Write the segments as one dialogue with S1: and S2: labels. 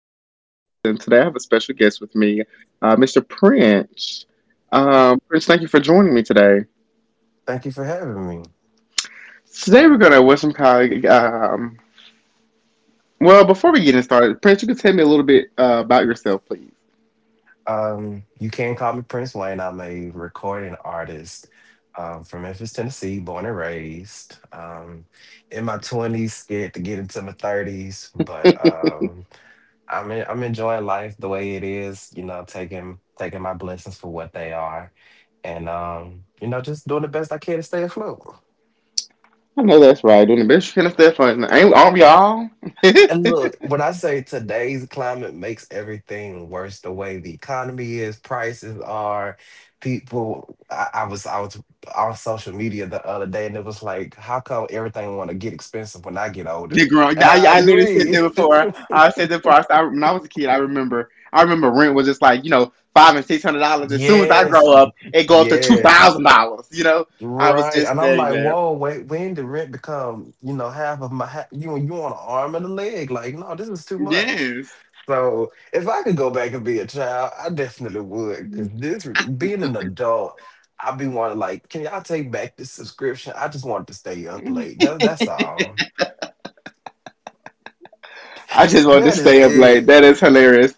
S1: Davidson, your host, and today I have a special guest with me, Mr. Prince. Prince, thank you for joining me today.
S2: Thank you for having me.
S1: Today we're going to with some kind of, um, well, before we get started, Prince, you can tell me a little bit about yourself, please.
S2: You can call me Prince Wayne. I'm a recording artist from Memphis, Tennessee, born and raised. In my 20s, scared to get into my 30s, but I'm enjoying life the way it is. You know, taking my blessings for what they are, and you know, just doing the best I can to stay afloat.
S1: I know that's right. Doing the best you can at that fun. Ain't we all y'all?
S2: And look, when I say today's climate makes everything worse, the way the economy is, prices are, people. I was on social media the other day, and it was like, how come everything want to get expensive when I get older?
S1: They're grown.
S2: And
S1: I,
S2: I
S1: I literally said
S2: agree.
S1: that before. I said that before. When I was a kid, I remember rent was just like you know five and six hundred dollars. As soon as I
S2: Yes,
S1: grow up, it go up to two
S2: yes,
S1: thousand dollars. You know, I was
S2: right.
S1: just
S2: And I'm
S1: saying
S2: like,
S1: that.
S2: whoa, wait, when did rent become, you know, half of my you want an arm and a leg? Like, no, this is too much.
S1: Yes.
S2: So if I could go back and be a child, I definitely would. Because this being an adult, I'd be wanting like, can y'all take back the subscription? I just want to stay up late. That's all.
S1: I just wanted to
S2: That is
S1: stay up late.
S2: it.
S1: That is hilarious.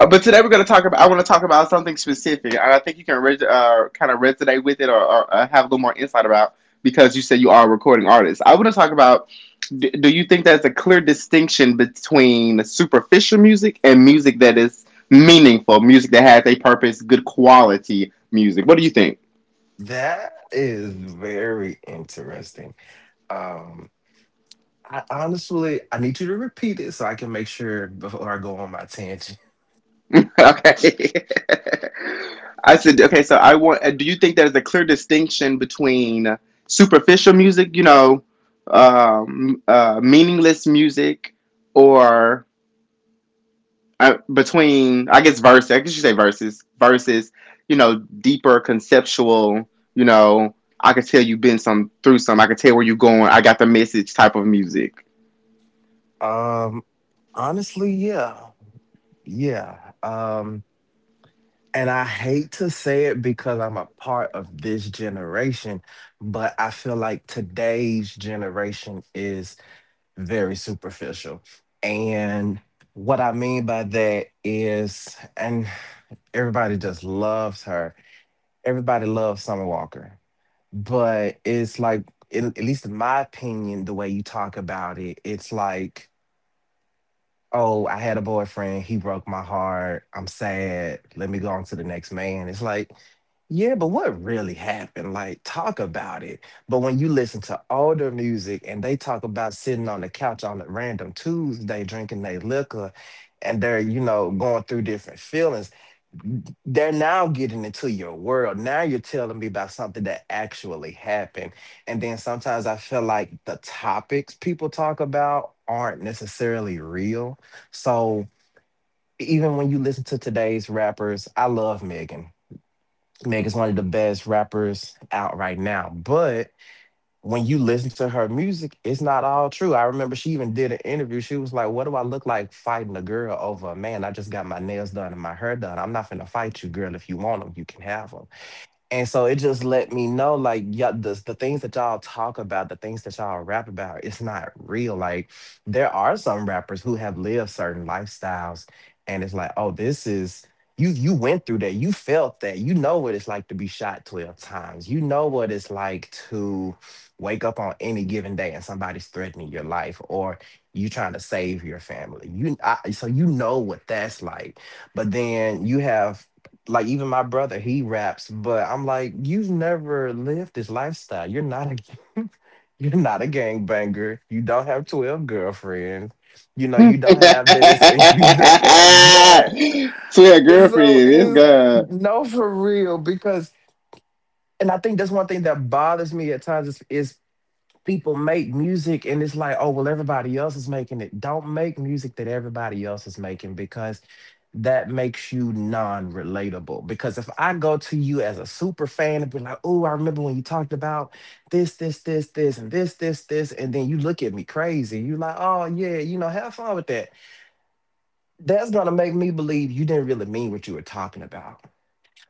S1: But today we're going to talk about. I want to talk about something specific, and I think you can kind of resonate with it, or have a little more insight about because you said you are a recording artist. I want to talk about. Do you think there's a clear distinction between superficial music and music that is meaningful, music that has a purpose, good quality music? What do you think?
S2: That is very interesting. Um, I honestly, I need you to repeat it so I can make sure before I go on my tangent.
S1: Okay. I said, okay, so I want, do you think there's a clear distinction between superficial music, you know, meaningless music, or between, I guess you say verses, you know, deeper conceptual, you know, I could tell you've been some through some, I could tell where you're going, I got the message type of music.
S2: Um, Honestly, yeah, yeah. And I hate to say it because I'm a part of this generation, but I feel like today's generation is very superficial. And what I mean by that is, and everybody just loves her. Everybody loves Summer Walker. But it's like, in, at least in my opinion, the way you talk about it, it's like oh, I had a boyfriend, he broke my heart, I'm sad, let me go on to the next man. It's like, yeah, but what really happened? Like, talk about it. But when you listen to older music and they talk about sitting on the couch on a random Tuesday drinking their liquor and they're, you know, going through different feelings, they're now getting into your world. Now you're telling me about something that actually happened. And then sometimes I feel like the topics people talk about aren't necessarily real so even when you listen to today's rappers, I love Megan. Megan's one of the best rappers out right now. But when you listen to her music, it's not all true. I remember she even did an interview. She was like, what do I look like fighting a girl over a man? I just got my nails done and my hair done. I'm not finna fight you, girl. If you want them, you can have them. And so it just let me know, like, yeah, the things that y'all talk about, the things that y'all rap about, it's not real. Like, there are some rappers who have lived certain lifestyles, and it's like, oh, this is you. You went through that. You felt that. You know what it's like to be shot 12 times. You know what it's like to wake up on any given day and somebody's threatening your life, or you trying to save your family. You I, so you know what that's like. But then you have like even my brother, he raps, but I'm like, you've never lived this lifestyle. You're not a you're not a gangbanger. You don't have 12 girlfriends. You know, you don't have this and you don't have that.
S1: Swear
S2: And so
S1: girlfriend, this
S2: is,
S1: guy.
S2: no, for real, because and I think that's one thing that bothers me at times is people make music and it's like, oh, well, everybody else is making it. Don't make music that everybody else is making because that makes you non relatable. Because if I go to you as a super fan and be like, oh, I remember when you talked about this, and then you look at me crazy, you're like, oh, yeah, you know, have fun with that. That's going to make me believe you didn't really mean what you were talking about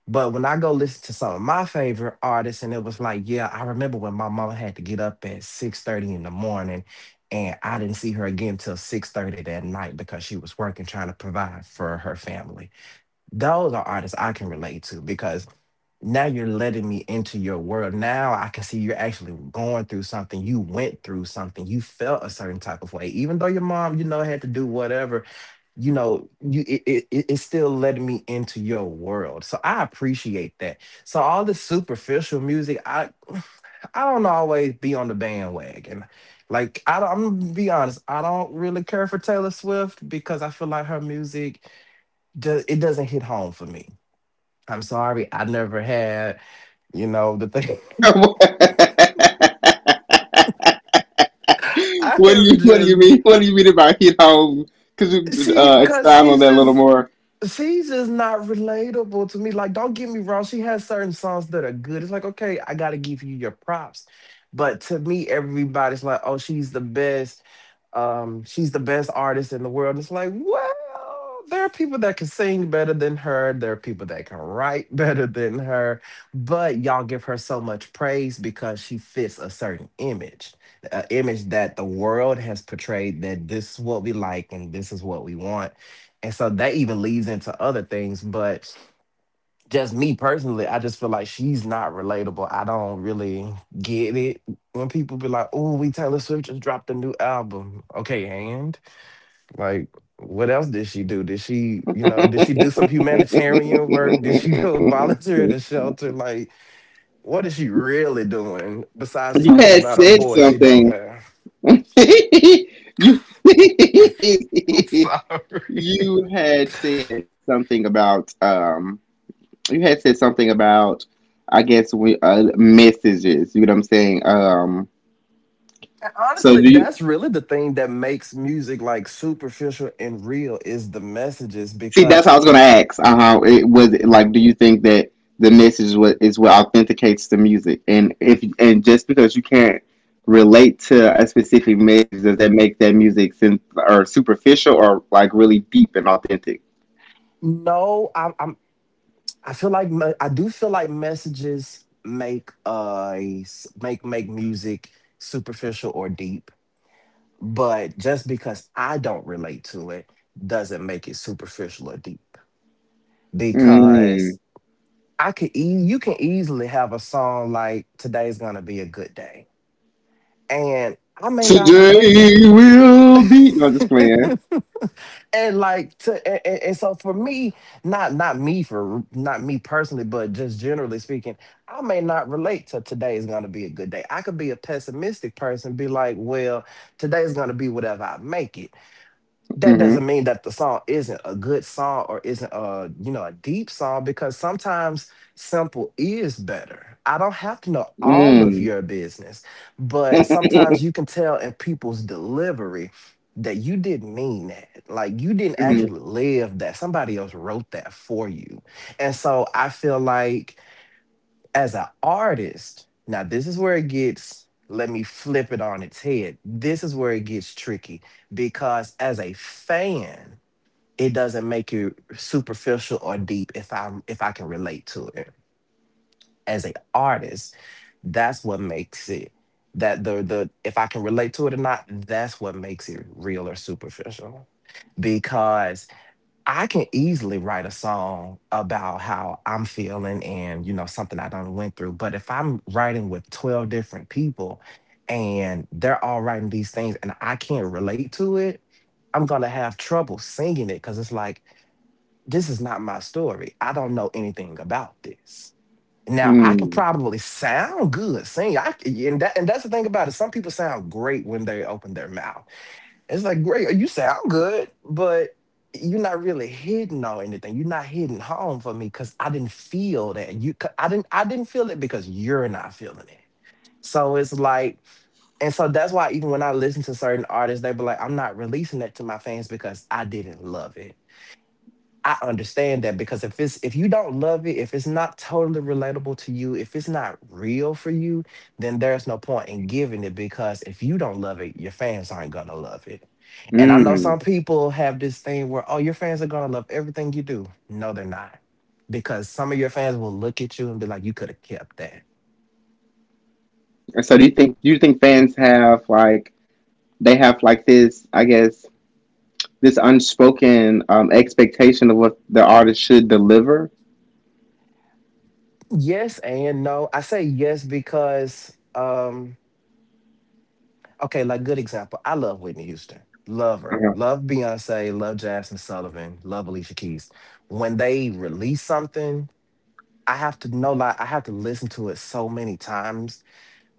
S2: but when I go listen to some of my favorite artists, and it was like, yeah, I remember when my mama had to get up at 6:30 in the morning, and I didn't see her again till 6:30 that night because she was working trying to provide for her family. Those are artists I can relate to because now you're letting me into your world. Now I can see you're actually going through something. You went through something. You felt a certain type of way, even though your mom, you know, had to do whatever you know you it's still letting me into your world, so I appreciate that. So all this superficial music, I I don't always be on the bandwagon. Like I don't, I'm gonna be honest, I don't really care for Taylor Swift because I feel like her music it doesn't hit home for me. I'm sorry, I never had, you know, the thing
S1: what do you
S2: I
S1: What
S2: have
S1: do you
S2: just
S1: mean? What do you mean by hit home? Could you
S2: she because
S1: expound on
S2: she's
S1: that a little
S2: just
S1: more?
S2: she's just not relatable to me. Like, don't get me wrong, she has certain songs that are good. It's like, okay, I gotta give you your props. But to me, everybody's like, oh, she's the best. She's the best artist in the world. And it's like, well, there are people that can sing better than her. There are people that can write better than her. But y'all give her so much praise because she fits a certain image, an image that the world has portrayed that this is what we like and this is what we want and so that even leads into other things. But just me personally, I just feel like she's not relatable. I don't really get it when people be like, oh, we Taylor Swift just dropped a new album. Okay, and like, what else did she do? Did she, you know, did she do some humanitarian work? Did she go volunteer at a shelter? Like, what is she really doing besides
S1: You
S2: talking
S1: had
S2: about a
S1: said
S2: boy she don't
S1: something.
S2: have?
S1: you you had said something about You had said something about I guess we messages. You know what I'm saying?
S2: And
S1: So
S2: honestly,
S1: do you?
S2: that's really the thing that makes music like superficial and real is the messages.
S1: See,
S2: Because
S1: that's how I was going to ask. Uh huh. It was like, do you think that the message is what authenticates the music? And if and just because you can't relate to a specific message, does that make that music or superficial or like really deep and authentic?
S2: no, I'm I feel like I do feel like messages make make music superficial or deep. But just because I don't relate to it doesn't make it superficial or deep.
S1: Mm.
S2: Because you can easily have a song like "Today's gonna be a good day," and I may not relate
S1: Today will be. No, I'm just playing.
S2: and like and so for me not me personally but just generally speaking, I may not relate to today is going to be a good day. I could be a pessimistic person, be like, well, today is going to be whatever I make it. That
S1: Mm-hmm.
S2: doesn't mean that the song isn't a good song or isn't a, you know, a deep song because sometimes simple is better. I don't have to know all of
S1: Mm.
S2: your business but sometimes you can tell in people's delivery that you didn't mean that, like you didn't
S1: mm
S2: actually live that, somebody else wrote that for you. And so I feel like as an artist, now this is where it gets, let me flip it on its head. This is where it gets tricky because as a fan, it doesn't make you superficial or deep if I can relate to it. As an artist, that's what makes it that the if I can relate to it or not, that's what makes it real or superficial. Because. I can easily write a song about how I'm feeling and you know something I done went through. But if I'm writing with 12 different people and they're all writing these things and I can't relate to it, I'm gonna have trouble singing it because it's like, this is not my story. I don't know anything about this. Now I can
S1: mm
S2: probably sound good singing. I, c- and that, and that's the thing about it. Some people sound great when they open their mouth. It's like, great, you sound good, but you're not really hidden on anything. You're not hitting home for me because I didn't feel that. You, 'cause I didn't feel it because you're not feeling it. So it's like, and so that's why even when I listen to certain artists, they be like, I'm not releasing that to my fans because I didn't love it. I understand that because if you don't love it, if it's not totally relatable to you, if it's not real for you, then there's no point in giving it because if you don't love it, your fans aren't gonna love it. And I know
S1: mm.
S2: some people have this thing where, oh, your fans are gonna love everything you do. No, they're not. Because some of your fans will look at you and be like, you could have kept that.
S1: So do you think fans have like they have like this? I guess this unspoken expectation of what the artist should deliver.
S2: Yes and no. I say yes because okay, like good example. I love Whitney Houston. Love her.
S1: Mhm.
S2: Love Beyonce. Love Jasmine Sullivan. Love Alicia Keys. When they release something, I have to know, like I have to listen to it so many times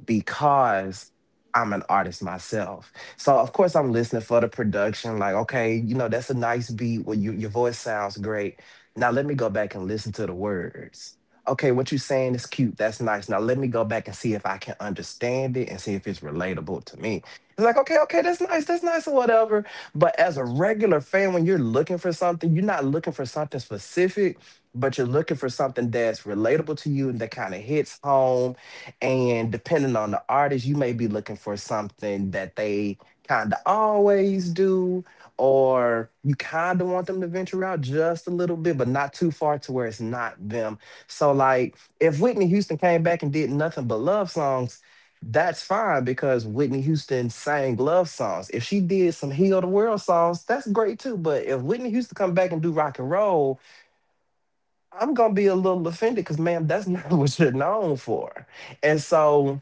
S2: because I'm an artist myself. So of course I'm listening for the production, like, okay, you know, that's a nice beat, where you, your voice sounds great. Now let me go back and listen to the words. Okay, what you're saying is cute. That's nice. Now let me go back and see if I can understand it and see if it's relatable to me. It's like, okay, okay, that's nice, or whatever. But as a regular fan, when you're looking for something, you're not looking for something specific, but you're looking for something that's relatable to you and that kind of hits home, and depending on the artist, you may be looking for something that they kind of always do, or you kind of want them to venture out just a little bit, but not too far to where it's not them. So, like, if Whitney Houston came back and did nothing but love songs, that's fine because Whitney Houston sang love songs. If she did some Heal the World songs, that's great too. But if Whitney Houston come back and do rock and roll, I'm gonna be a little offended because, ma'am, that's not what you're known for. And so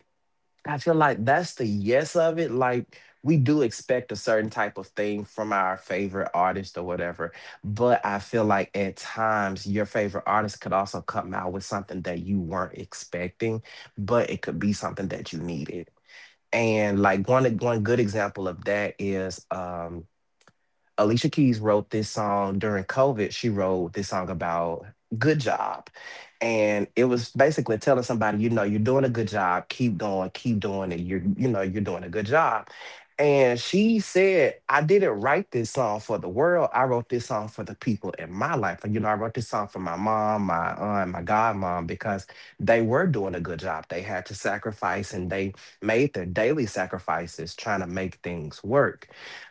S2: I feel like that's the yes of it. Like, we do expect a certain type of thing from our favorite artist or whatever. But I feel like at times your favorite artist could also come out with something that you weren't expecting, but it could be something that you needed. And like one good example of that is Alicia Keys wrote this song during COVID. She wrote this song about good job. And it was basically telling somebody, you know, you're doing a good job, keep going, keep doing it. You're, you know, you're doing a good job. And she said, I didn't write this song for the world. I wrote this song for the people in my life. And, you know, I wrote this song for my mom, my aunt, my godmom, because they were doing a good job. They had to sacrifice and they made their daily sacrifices trying to make things work.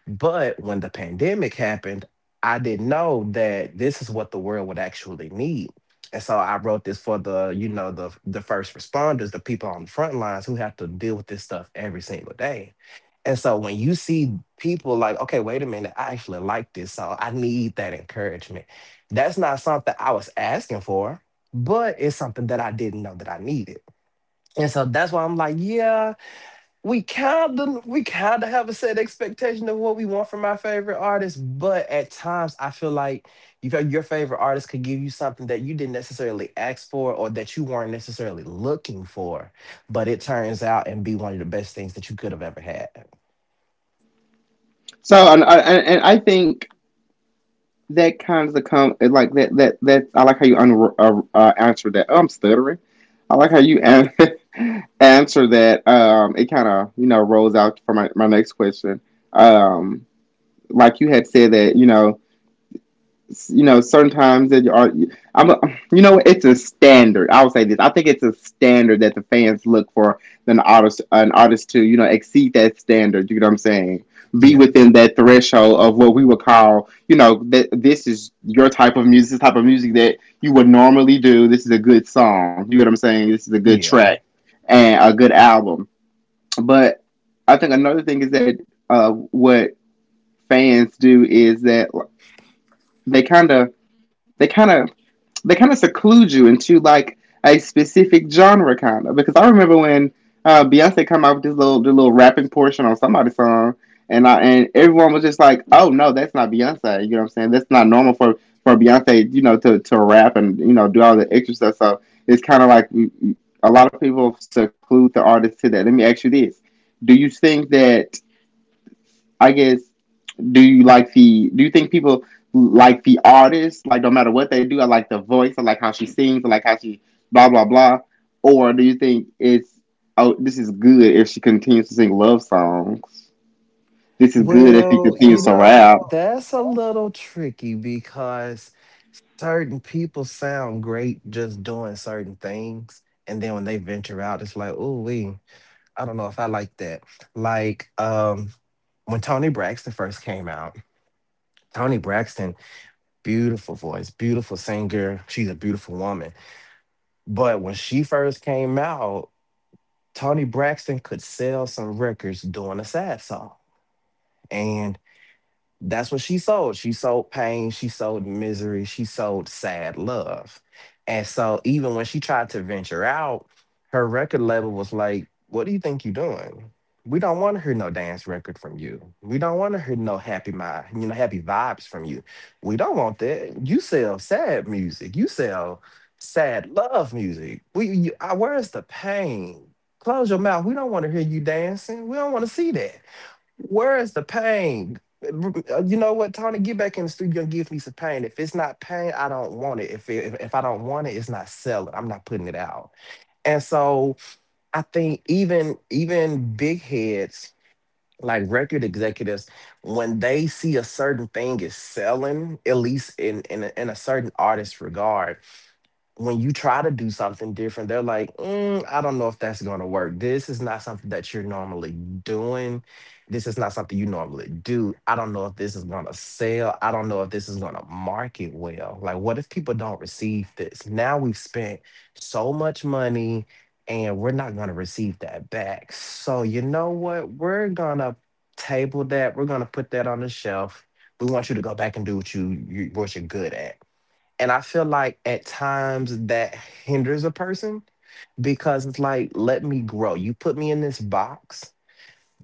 S2: But when the pandemic happened, I didn't know that this is what the world would actually need. And so I wrote this for the first responders, the people on the front lines who have to deal with this stuff every single day. And so when you see people like, okay, wait a minute, I actually like this song. I need that encouragement. That's not something I was asking for, but it's something that I didn't know that I needed. And so that's why I'm like, yeah, we kind of have a set expectation of what we want from our favorite artists, but at times I feel like you feel your favorite artist could give you something that you didn't necessarily ask for or that you weren't necessarily looking for, but it turns out and be one of the best things that you could have ever had.
S1: So, and I think that kind of come like that. That's I like how you answer that. Oh, I'm stuttering. I like how you an- answer that. It kind of you know rolls out for my next question. Um, like you had said that certain times that you are, I'm, a, you know, it's a standard. I would say this. I think it's a standard that the fans look for an artist to, you know, exceed that standard. You know what I'm saying? Be
S2: Yeah,
S1: within that threshold of what we would call, you know, that this is your type of music, this type of music that you would normally do. This is a good song. You know what I'm saying? This is a good track
S2: yeah.
S1: and a good album. But I think another thing is that what fans do is that they kind of, they kind of they kind of seclude you into like a specific genre kind of because I remember when Beyonce come out with this little rapping portion on somebody's song, and I and everyone was just like, oh no, that's not Beyonce. You know what I'm saying? That's not normal for Beyonce, you know, to rap and you know do all the extra stuff. So it's kind of like a lot of people seclude the artist to that. Let me ask you this: do you think that I guess Do you think people like the artist? Like no matter what they do, I like the voice. I like how she sings. I like how she blah blah blah. Or do you think it's oh this is good if she continues to sing love songs? This is good if he
S2: Well, you
S1: continues to
S2: know,
S1: rap.
S2: that's a little tricky because certain people sound great just doing certain things, and then when they venture out, it's like, oh, we. I don't know if I like that. Like, when Tony Braxton first came out, Tony Braxton, beautiful voice, beautiful singer. She's a beautiful woman. But when she first came out, Tony Braxton could sell some records doing a sad song, and that's what she sold. She sold pain, she sold misery, she sold sad love. And so even when she tried to venture out, her record label was like, "What do you think you're doing? We don't want to hear no dance record from you. We don't want to hear no happy mind, you know, happy vibes from you. We don't want that. You sell sad music. You sell sad love music. Where's the pain? Close your mouth. We don't want to hear you dancing. We don't want to see that. Where is the pain? You know what, Tony? Get back in the studio and give me some pain. If it's not pain, I don't want it. If I don't want it, it's not selling. I'm not putting it out." And so I think even big heads like record executives, when they see a certain thing is selling, at least in a certain artist's regard, when you try to do something different, they're like, "Mm, I don't know if that's going to work. This is not something that you're normally doing. This is not something you normally do. I don't know if this is going to sell. I don't know if this is going to market well. Like, what if people don't receive this? Now we've spent so much money and we're not going to receive that back. So, you know what? We're going to table that. We're going to put that on the shelf. We want you to go back and do what you what you're good at." And I feel like at times that hinders a person because it's like, let me grow. You put me in this box,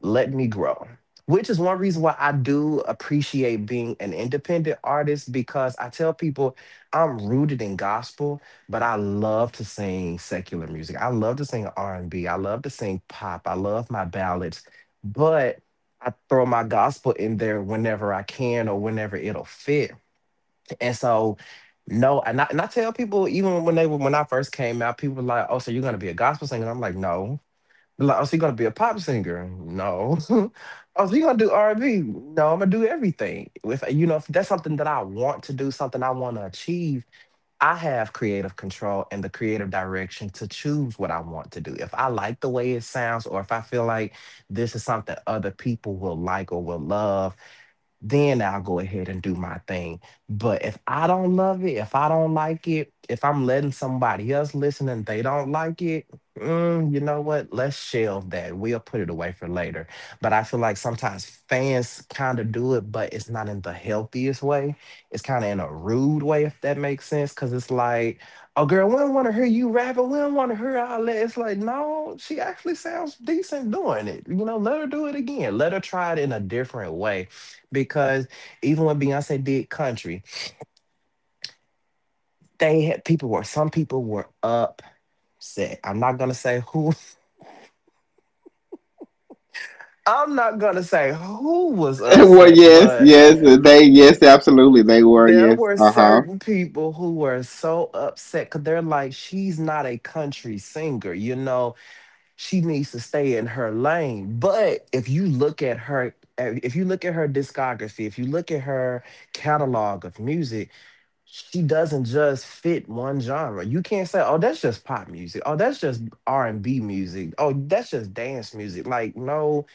S2: let me grow. Which is one reason why I do appreciate being an independent artist, because I tell people I'm rooted in gospel, but I love to sing secular music. I love to sing R&B. I love to sing pop. I love my ballads, but I throw my gospel in there whenever I can or whenever it'll fit. And so, no, and I tell people, even when they were when I first came out, people were like, "Oh, so you're gonna be a gospel singer?" I'm like, "No." They're like, "Oh, so you're gonna be a pop singer?" No. "Oh, so you're gonna do R&B?" No, I'm gonna do everything. If, you know, if that's something that I want to do, something I want to achieve, I have creative control and the creative direction to choose what I want to do. If I like the way it sounds, or if I feel like this is something other people will like or will love, then I'll go ahead and do my thing. But if I don't love it, if I don't like it, if I'm letting somebody else listen and they don't like it, you know what? Let's shelve that. We'll put it away for later. But I feel like sometimes fans kind of do it, but it's not in the healthiest way. It's kind of in a rude way, if that makes sense. Cause it's like, oh girl, we don't want to hear you rapping. We don't want to hear all that. It's like, no, she actually sounds decent doing it. You know, let her do it again. Let her try it in a different way, because even when Beyonce did country, they had people were some people were upset. I'm not gonna say who. I'm not gonna say who was
S1: well,
S2: upset,
S1: yes,
S2: but
S1: yes, they yes absolutely they were,
S2: there
S1: yes.
S2: were
S1: Uh huh.
S2: certain people who were so upset because they're like, she's not a country singer, you know, she needs to stay in her lane. But if you look at her, if you look at her discography, if you look at her catalog of music, she doesn't just fit one genre. You can't say, "Oh, that's just pop music. Oh, that's just R&B music. Oh, that's just dance music." Like, no,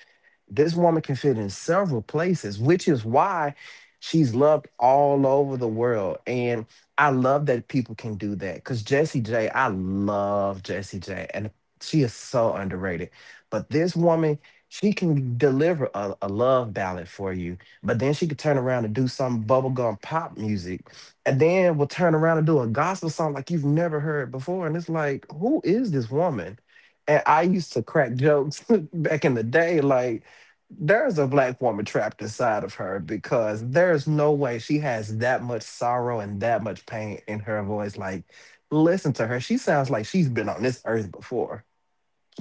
S2: this woman can fit in several places, which is why she's loved all over the world. And I love that people can do that because Jessie J, I love Jessie J, and she is so underrated. But this woman, she can deliver a love ballad for you, but then she could turn around and do some bubblegum pop music, and then will turn around and do a gospel song like you've never heard before. And it's like, who is this woman? And I used to crack jokes back in the day, like, there's a black woman trapped inside of her because there's no way she has that much sorrow and that much pain in her voice. Like, listen to her. She sounds like she's been on this earth before.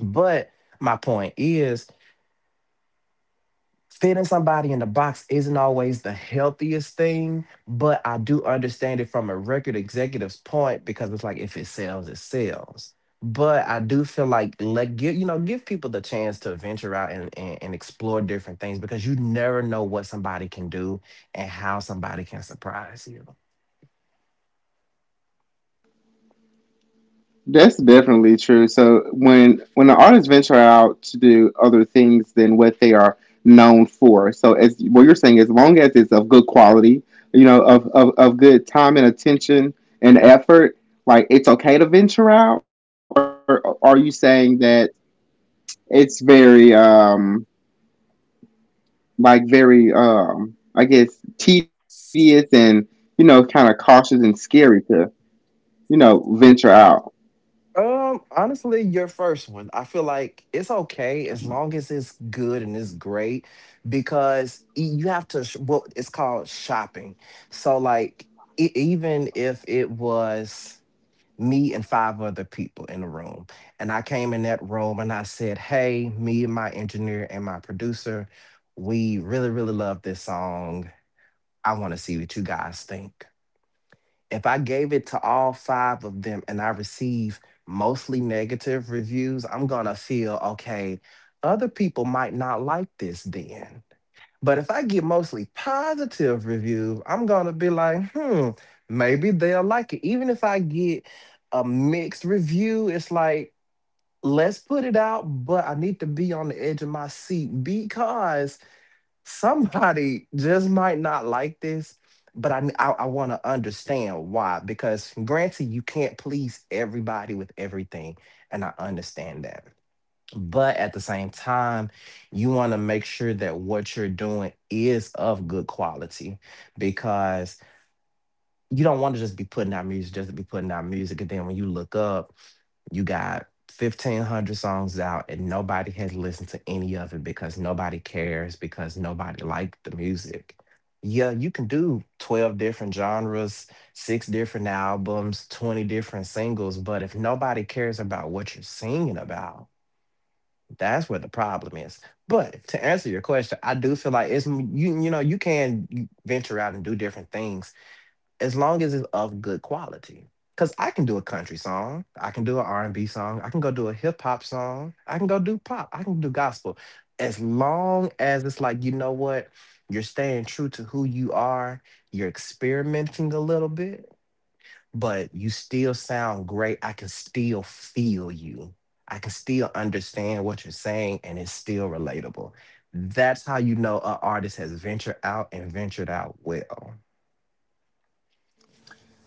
S2: But my point is, fitting somebody in the box isn't always the healthiest thing, but I do understand it from a record executive's point because it's like if it sells, it sells. But I do feel like let give you know give people the chance to venture out and, and explore different things because you never know what somebody can do and how somebody can surprise you.
S1: That's definitely true. So when the artists venture out to do other things than what they are known for, so as what you're saying, as long as it's of good quality, you know, of good time and attention and effort, like it's okay to venture out. Or are you saying that it's very very I guess tedious and you know kind of cautious and scary to you know venture out?
S2: Honestly, your first one. I feel like it's okay as long as it's good and it's great because you have to what it's called shopping. So like even if it was me and five other people in the room and I came in that room and I said, "Hey, me and my engineer and my producer, we really love this song. I want to see what you guys think." If I gave it to all five of them and I receive mostly negative reviews, I'm gonna feel okay, other people might not like this then. But if I get mostly positive reviews, I'm gonna be like, hmm, maybe they'll like it. Even if I get a mixed review, it's like, let's put it out, but I need to be on the edge of my seat because somebody just might not like this, but I want to understand why, because granted you can't please everybody with everything, and I understand that, but at the same time you want to make sure that what you're doing is of good quality, because you don't want to just be putting out music just to be putting out music. And then when you look up, you got 1,500 songs out and nobody has listened to any of it because nobody cares, because nobody liked the music. Yeah, you can do 12 different genres, six different albums, 20 different singles, but if nobody cares about what you're singing about, that's where the problem is. But to answer your question, I do feel like it's, you can venture out and do different things as long as it's of good quality. Cause I can do a country song, I can do an R and B song, I can go do a hip hop song, I can go do pop, I can do gospel. As long as it's like, you know what, you're staying true to who you are, you're experimenting a little bit, but you still sound great. I can still feel you. I can still understand what you're saying and it's still relatable. That's how you know an artist has ventured out and ventured out well.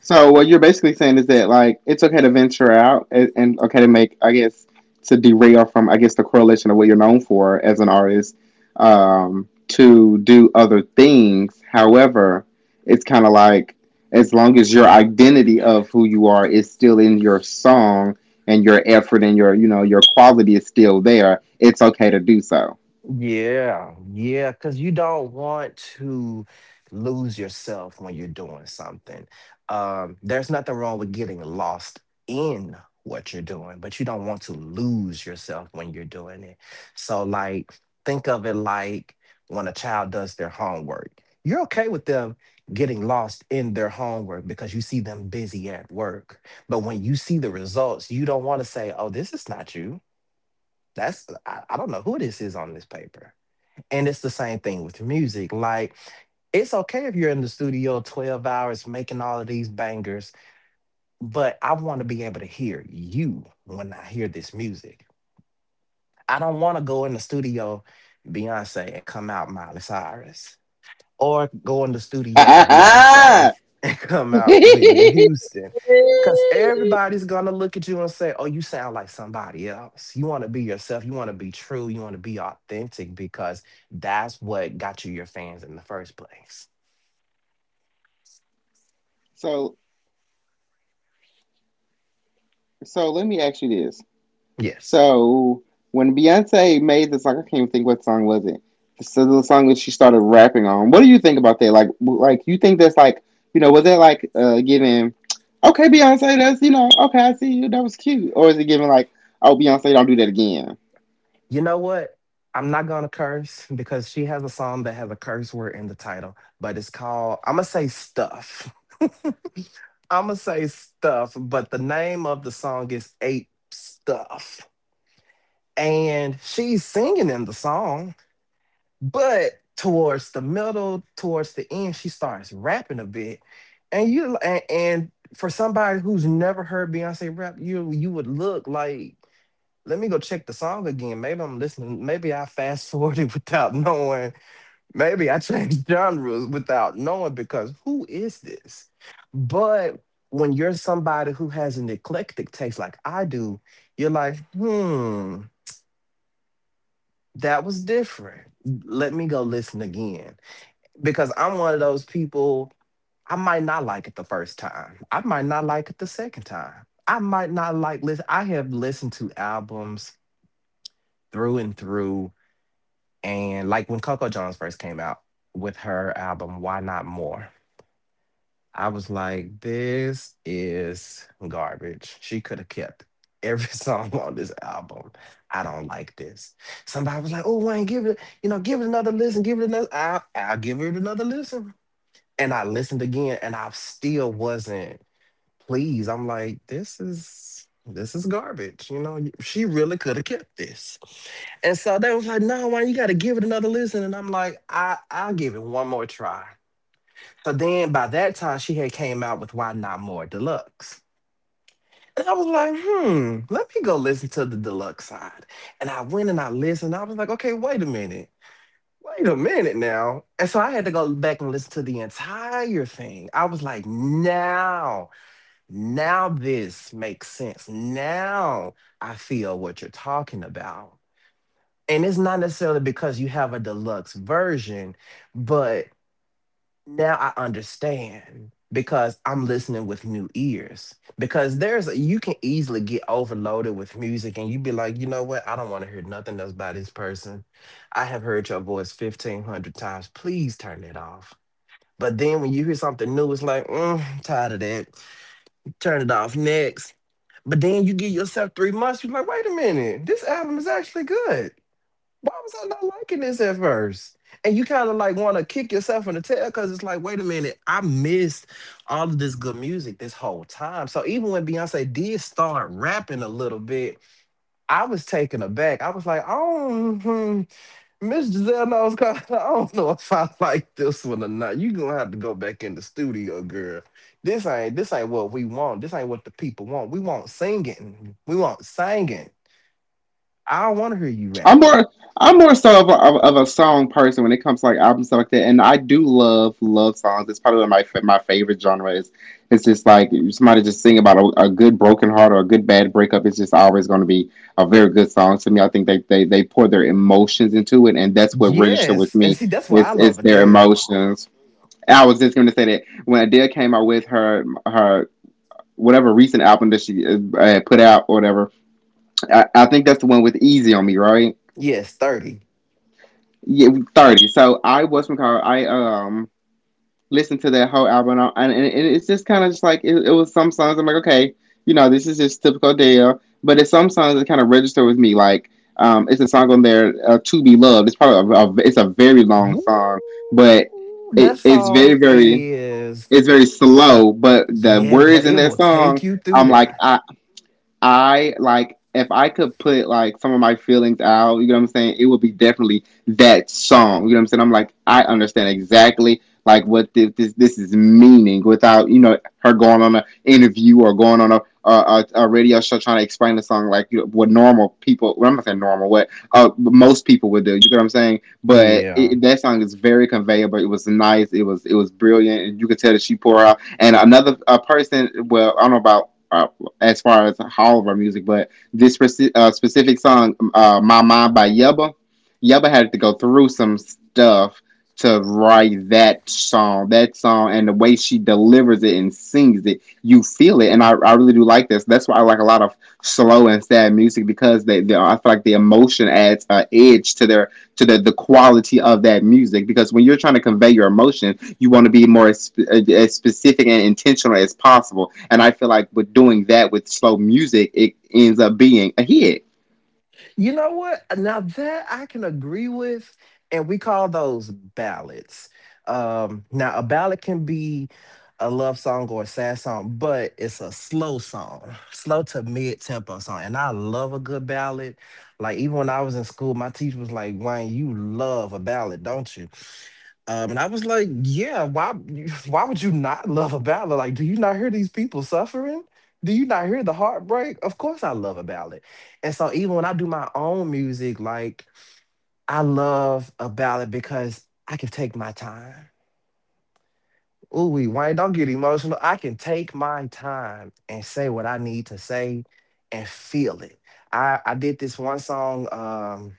S1: So what you're basically saying is that like it's okay to venture out and okay to make I guess to derail from I guess the correlation of what you're known for as an artist to do other things. However, it's kind of like as long as your identity of who you are is still in your song and your effort and your you know your quality is still there, it's okay to do so.
S2: Yeah, yeah, because you don't want to lose yourself when you're doing something. There's nothing wrong with getting lost in what you're doing, but you don't want to lose yourself when you're doing it. So, like, think of it like when a child does their homework. You're okay with them getting lost in their homework because you see them busy at work. But when you see the results, you don't want to say, oh, this is not you. I don't know who this is on this paper, and it's the same thing with music. Like, it's okay if you're in the studio 12 hours making all of these bangers, but I want to be able to hear you when I hear this music. I don't want to go in the studio, Beyonce, and come out Miley Cyrus, or go in the studio, Beyonce, and come out Whitney Houston. Because everybody's going to look at you and say, oh, you sound like somebody else. You want to be yourself. You want to be true. You want to be authentic because that's what got you your fans in the first place.
S1: so so let me ask you this.
S2: Yes.
S1: So when Beyonce made the song, I can't even think what song was it. So the song that she started rapping on. What do you think about that? Like you think that's like, you know, was that like giving, okay, Beyonce, that's you know, okay, I see you, that was cute, or is it giving like, oh, Beyonce, don't do that again?
S2: You know what? I'm not going to curse because she has a song that has a curse word in the title, but it's called, I'm going to say stuff. I'm going to say stuff, but the name of the song is Ape Stuff, and she's singing in the song, but towards the middle towards the end she starts rapping a bit. And you and for somebody who's never heard Beyonce rap, you would look like, let me go check the song again, maybe I'm listening, maybe I fast forwarded without knowing, maybe I changed genres without knowing, because who is this? But when you're somebody who has an eclectic taste like I do, you're like, hmm, that was different. Let me go listen again, because I'm one of those people. I might not like it the first time. I might not like it the second time. I might not like listen. I have listened to albums through and through, and like when Coco Jones first came out with her album "Why Not More." I was like, this is garbage. She could have kept every song on this album. I don't like this. Somebody was like, oh, Wayne, give it, you know, give it another listen, give it another. I'll give it another listen. And I listened again and I still wasn't pleased. I'm like, this is. This is garbage. You know, she really could have kept this. And so they was like, no, Wayne, you gotta give it another listen. And I'm like, I'll give it one more try. So then by that time she had came out with Why Not More Deluxe. And I was like, hmm, let me go listen to the deluxe side. And I went and I listened. I was like, okay, wait a minute. Wait a minute now. And so I had to go back and listen to the entire thing. I was like, now, now this makes sense. Now I feel what you're talking about. And it's not necessarily because you have a deluxe version, but now I understand because I'm listening with new ears. Because there's you can easily get overloaded with music and you be like, you know what? I don't want to hear nothing else by this person. I have heard your voice 1,500 times. Please turn it off. But then when you hear something new, it's like, mm, tired of that. Turn it off next. But then you give yourself 3 months, you're like, wait a minute, this album is actually good. Why was I not liking this at first? And you kind of like want to kick yourself in the tail because it's like, wait a minute, I missed all of this good music this whole time. So even when Beyonce did start rapping a little bit, I was taken aback. I was like, oh, hmm, Miss Giselle knows. Kind of, I don't know if I like this one or not. You gonna have to go back in the studio, girl. This ain't what we want. This ain't what the people want. We want singing. We want singing. I don't want to hear you
S1: I'm
S2: rapping.
S1: more I'm more so of of a song person when it comes to like albums stuff like that, and I do love love songs. It's probably one of my favorite genre is. It's just like somebody just sing about a good broken heart or a good bad breakup. It's just always going to be a very good song to me. I think they pour their emotions into it, and that's what registered with
S2: Yes. And
S1: me.
S2: see, that's why
S1: It's
S2: I
S1: it's
S2: love
S1: their
S2: Adele.
S1: emotions. I was just going to say that when Adele came out with her whatever recent album that she put out or whatever, I think that's the one with Easy on Me, right?
S2: Yes, 30.
S1: Yeah, 30. So I was McCall. I listened to that whole album, and it's just kind of just like it was some songs. I'm like, okay, you know, this is just typical Dale. But it's some songs that kind of register with me. Like it's a song on there, "To Be Loved." It's probably it's a very long
S2: Woo!
S1: song, but
S2: That
S1: it's very
S2: song
S1: very
S2: is
S1: it's very slow. But the
S2: yes,
S1: words
S2: but
S1: in
S2: it
S1: that
S2: will
S1: song,
S2: take you through
S1: I'm like,
S2: there.
S1: I like if I could put like some of my feelings out, you know what I'm saying? It would be definitely that song. You know what I'm saying? I'm like, I understand exactly like what this is meaning without you know her going on an interview or going on a radio show trying to explain the song like you know, what normal people. Well, I'm not saying normal, what most people would do. You know what I'm saying? But
S2: Yeah.
S1: that song is very conveyable. It was nice. It was brilliant, and you could tell that she poured out. And another a person, well, I don't know about as far as all of our music, but this specific song, "My Mind" by Yubba, Yubba had to go through some stuff to write that song. That song and the way she delivers it and sings it, you feel it, and I really do like this. That's why I like a lot of slow and sad music because they I feel like the emotion adds an edge to their to the quality of that music because when you're trying to convey your emotion you want to be more as specific and intentional as possible, and I feel like with doing that with slow music it ends up being a hit.
S2: You know what? Now that I can agree with, and we call those ballads. Now a ballad can be a love song or a sad song, but it's a slow song, slow to mid tempo song. And I love a good ballad. Like even when I was in school, my teacher was like, "Wayne, you love a ballad, don't you?" And I was like, yeah, why why would you not love a ballad? Like, do you not hear these people suffering? Do you not hear the heartbreak? Of course I love a ballad. And so even when I do my own music, like I love a ballad because I can take my time. Ooh, wee, Wayne, don't get emotional. I can take my time and say what I need to say and feel it. I did this one song,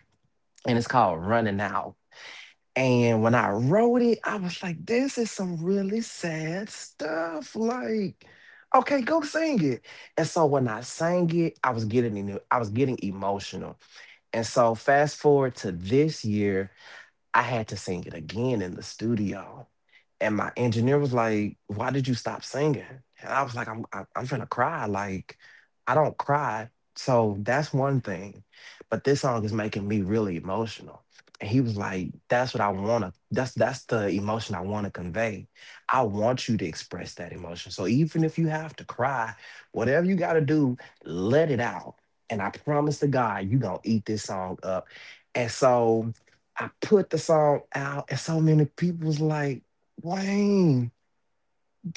S2: and it's called Running Out. And when I wrote it, I was like, this is some really sad stuff. Like, okay, go sing it. And so when I sang it, I was getting I was getting emotional. And so fast forward to this year, I had to sing it again in the studio. And my engineer was like, "Why did you stop singing?" And I was like, "I'm I'm gonna cry. Like, I don't cry, so that's one thing. But this song is making me really emotional." And he was like, "That's what I wanna. That's the emotion I want to convey. I want you to express that emotion. So even if you have to cry, whatever you got to do, let it out. And I promise to God, you gonna eat this song up." And so I put the song out, and so many people was like, Wayne,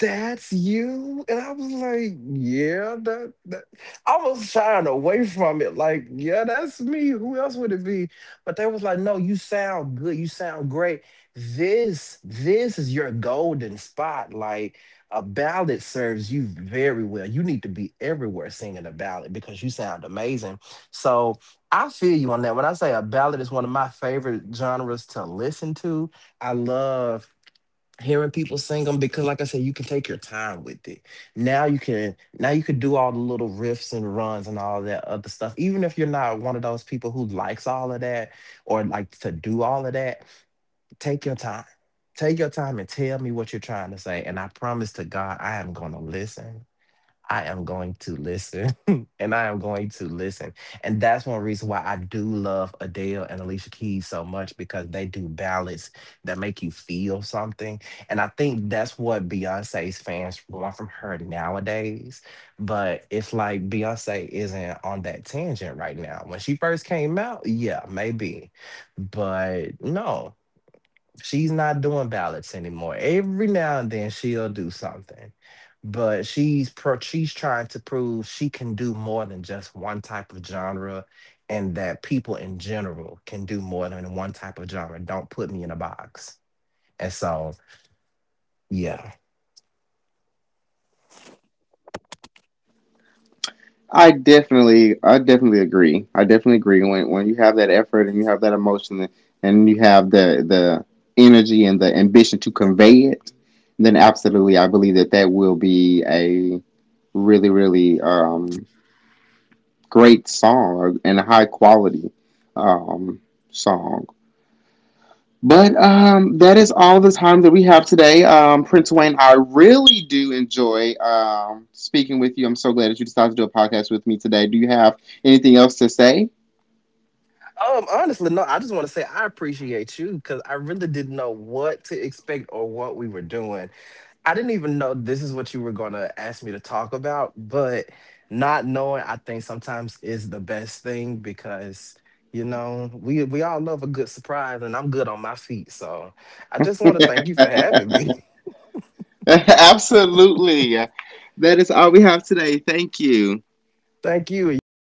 S2: that's you. And I was like, yeah, that I was shying away from it, like, yeah, that's me, who else would it be? But they was like, no, you sound good, you sound great, this is your golden spot, like a ballad serves you very well, you need to be everywhere singing a ballad because you sound amazing. So I feel you on that when I say a ballad is one of my favorite genres to listen to. I love hearing people sing them because, like I said, you can take your time with it. Now you can, now you can do all the little riffs and runs and all that other stuff, even if you're not one of those people who likes all of that or like to do all of that. Take your time. Take your time and tell me what you're trying to say, and I promise to God, I am going to listen. I am going to listen and I am going to listen. And that's one reason why I do love Adele and Alicia Keys so much, because they do ballads that make you feel something. And I think that's what Beyonce's fans want from her nowadays. But it's like Beyonce isn't on that tangent right now. When she first came out, yeah, maybe. But no. She's not doing ballots anymore. Every now and then she'll do something, but she's trying to prove she can do more than just one type of genre, and that people in general can do more than one type of genre. Don't put me in a box. And so, yeah.
S1: I definitely agree when you have that effort and you have that emotion and you have the energy and the ambition to convey it, then absolutely I believe that that will be a really great song and a high quality um, song. But that is all the time that we have today. Prince Wayne, I really do enjoy speaking with you. I'm so glad that you decided to do a podcast with me today. Do you have anything else to say?
S2: Honestly, no. I just want to say I appreciate you because I really didn't know what to expect or what we were doing. I didn't even know this is what you were going to ask me to talk about, but not knowing I think sometimes is the best thing, because you know, we all love a good surprise and I'm good on my feet. So, I just want to thank you for having me.
S1: Absolutely. That is all we have today. Thank you.
S2: Thank you. And you have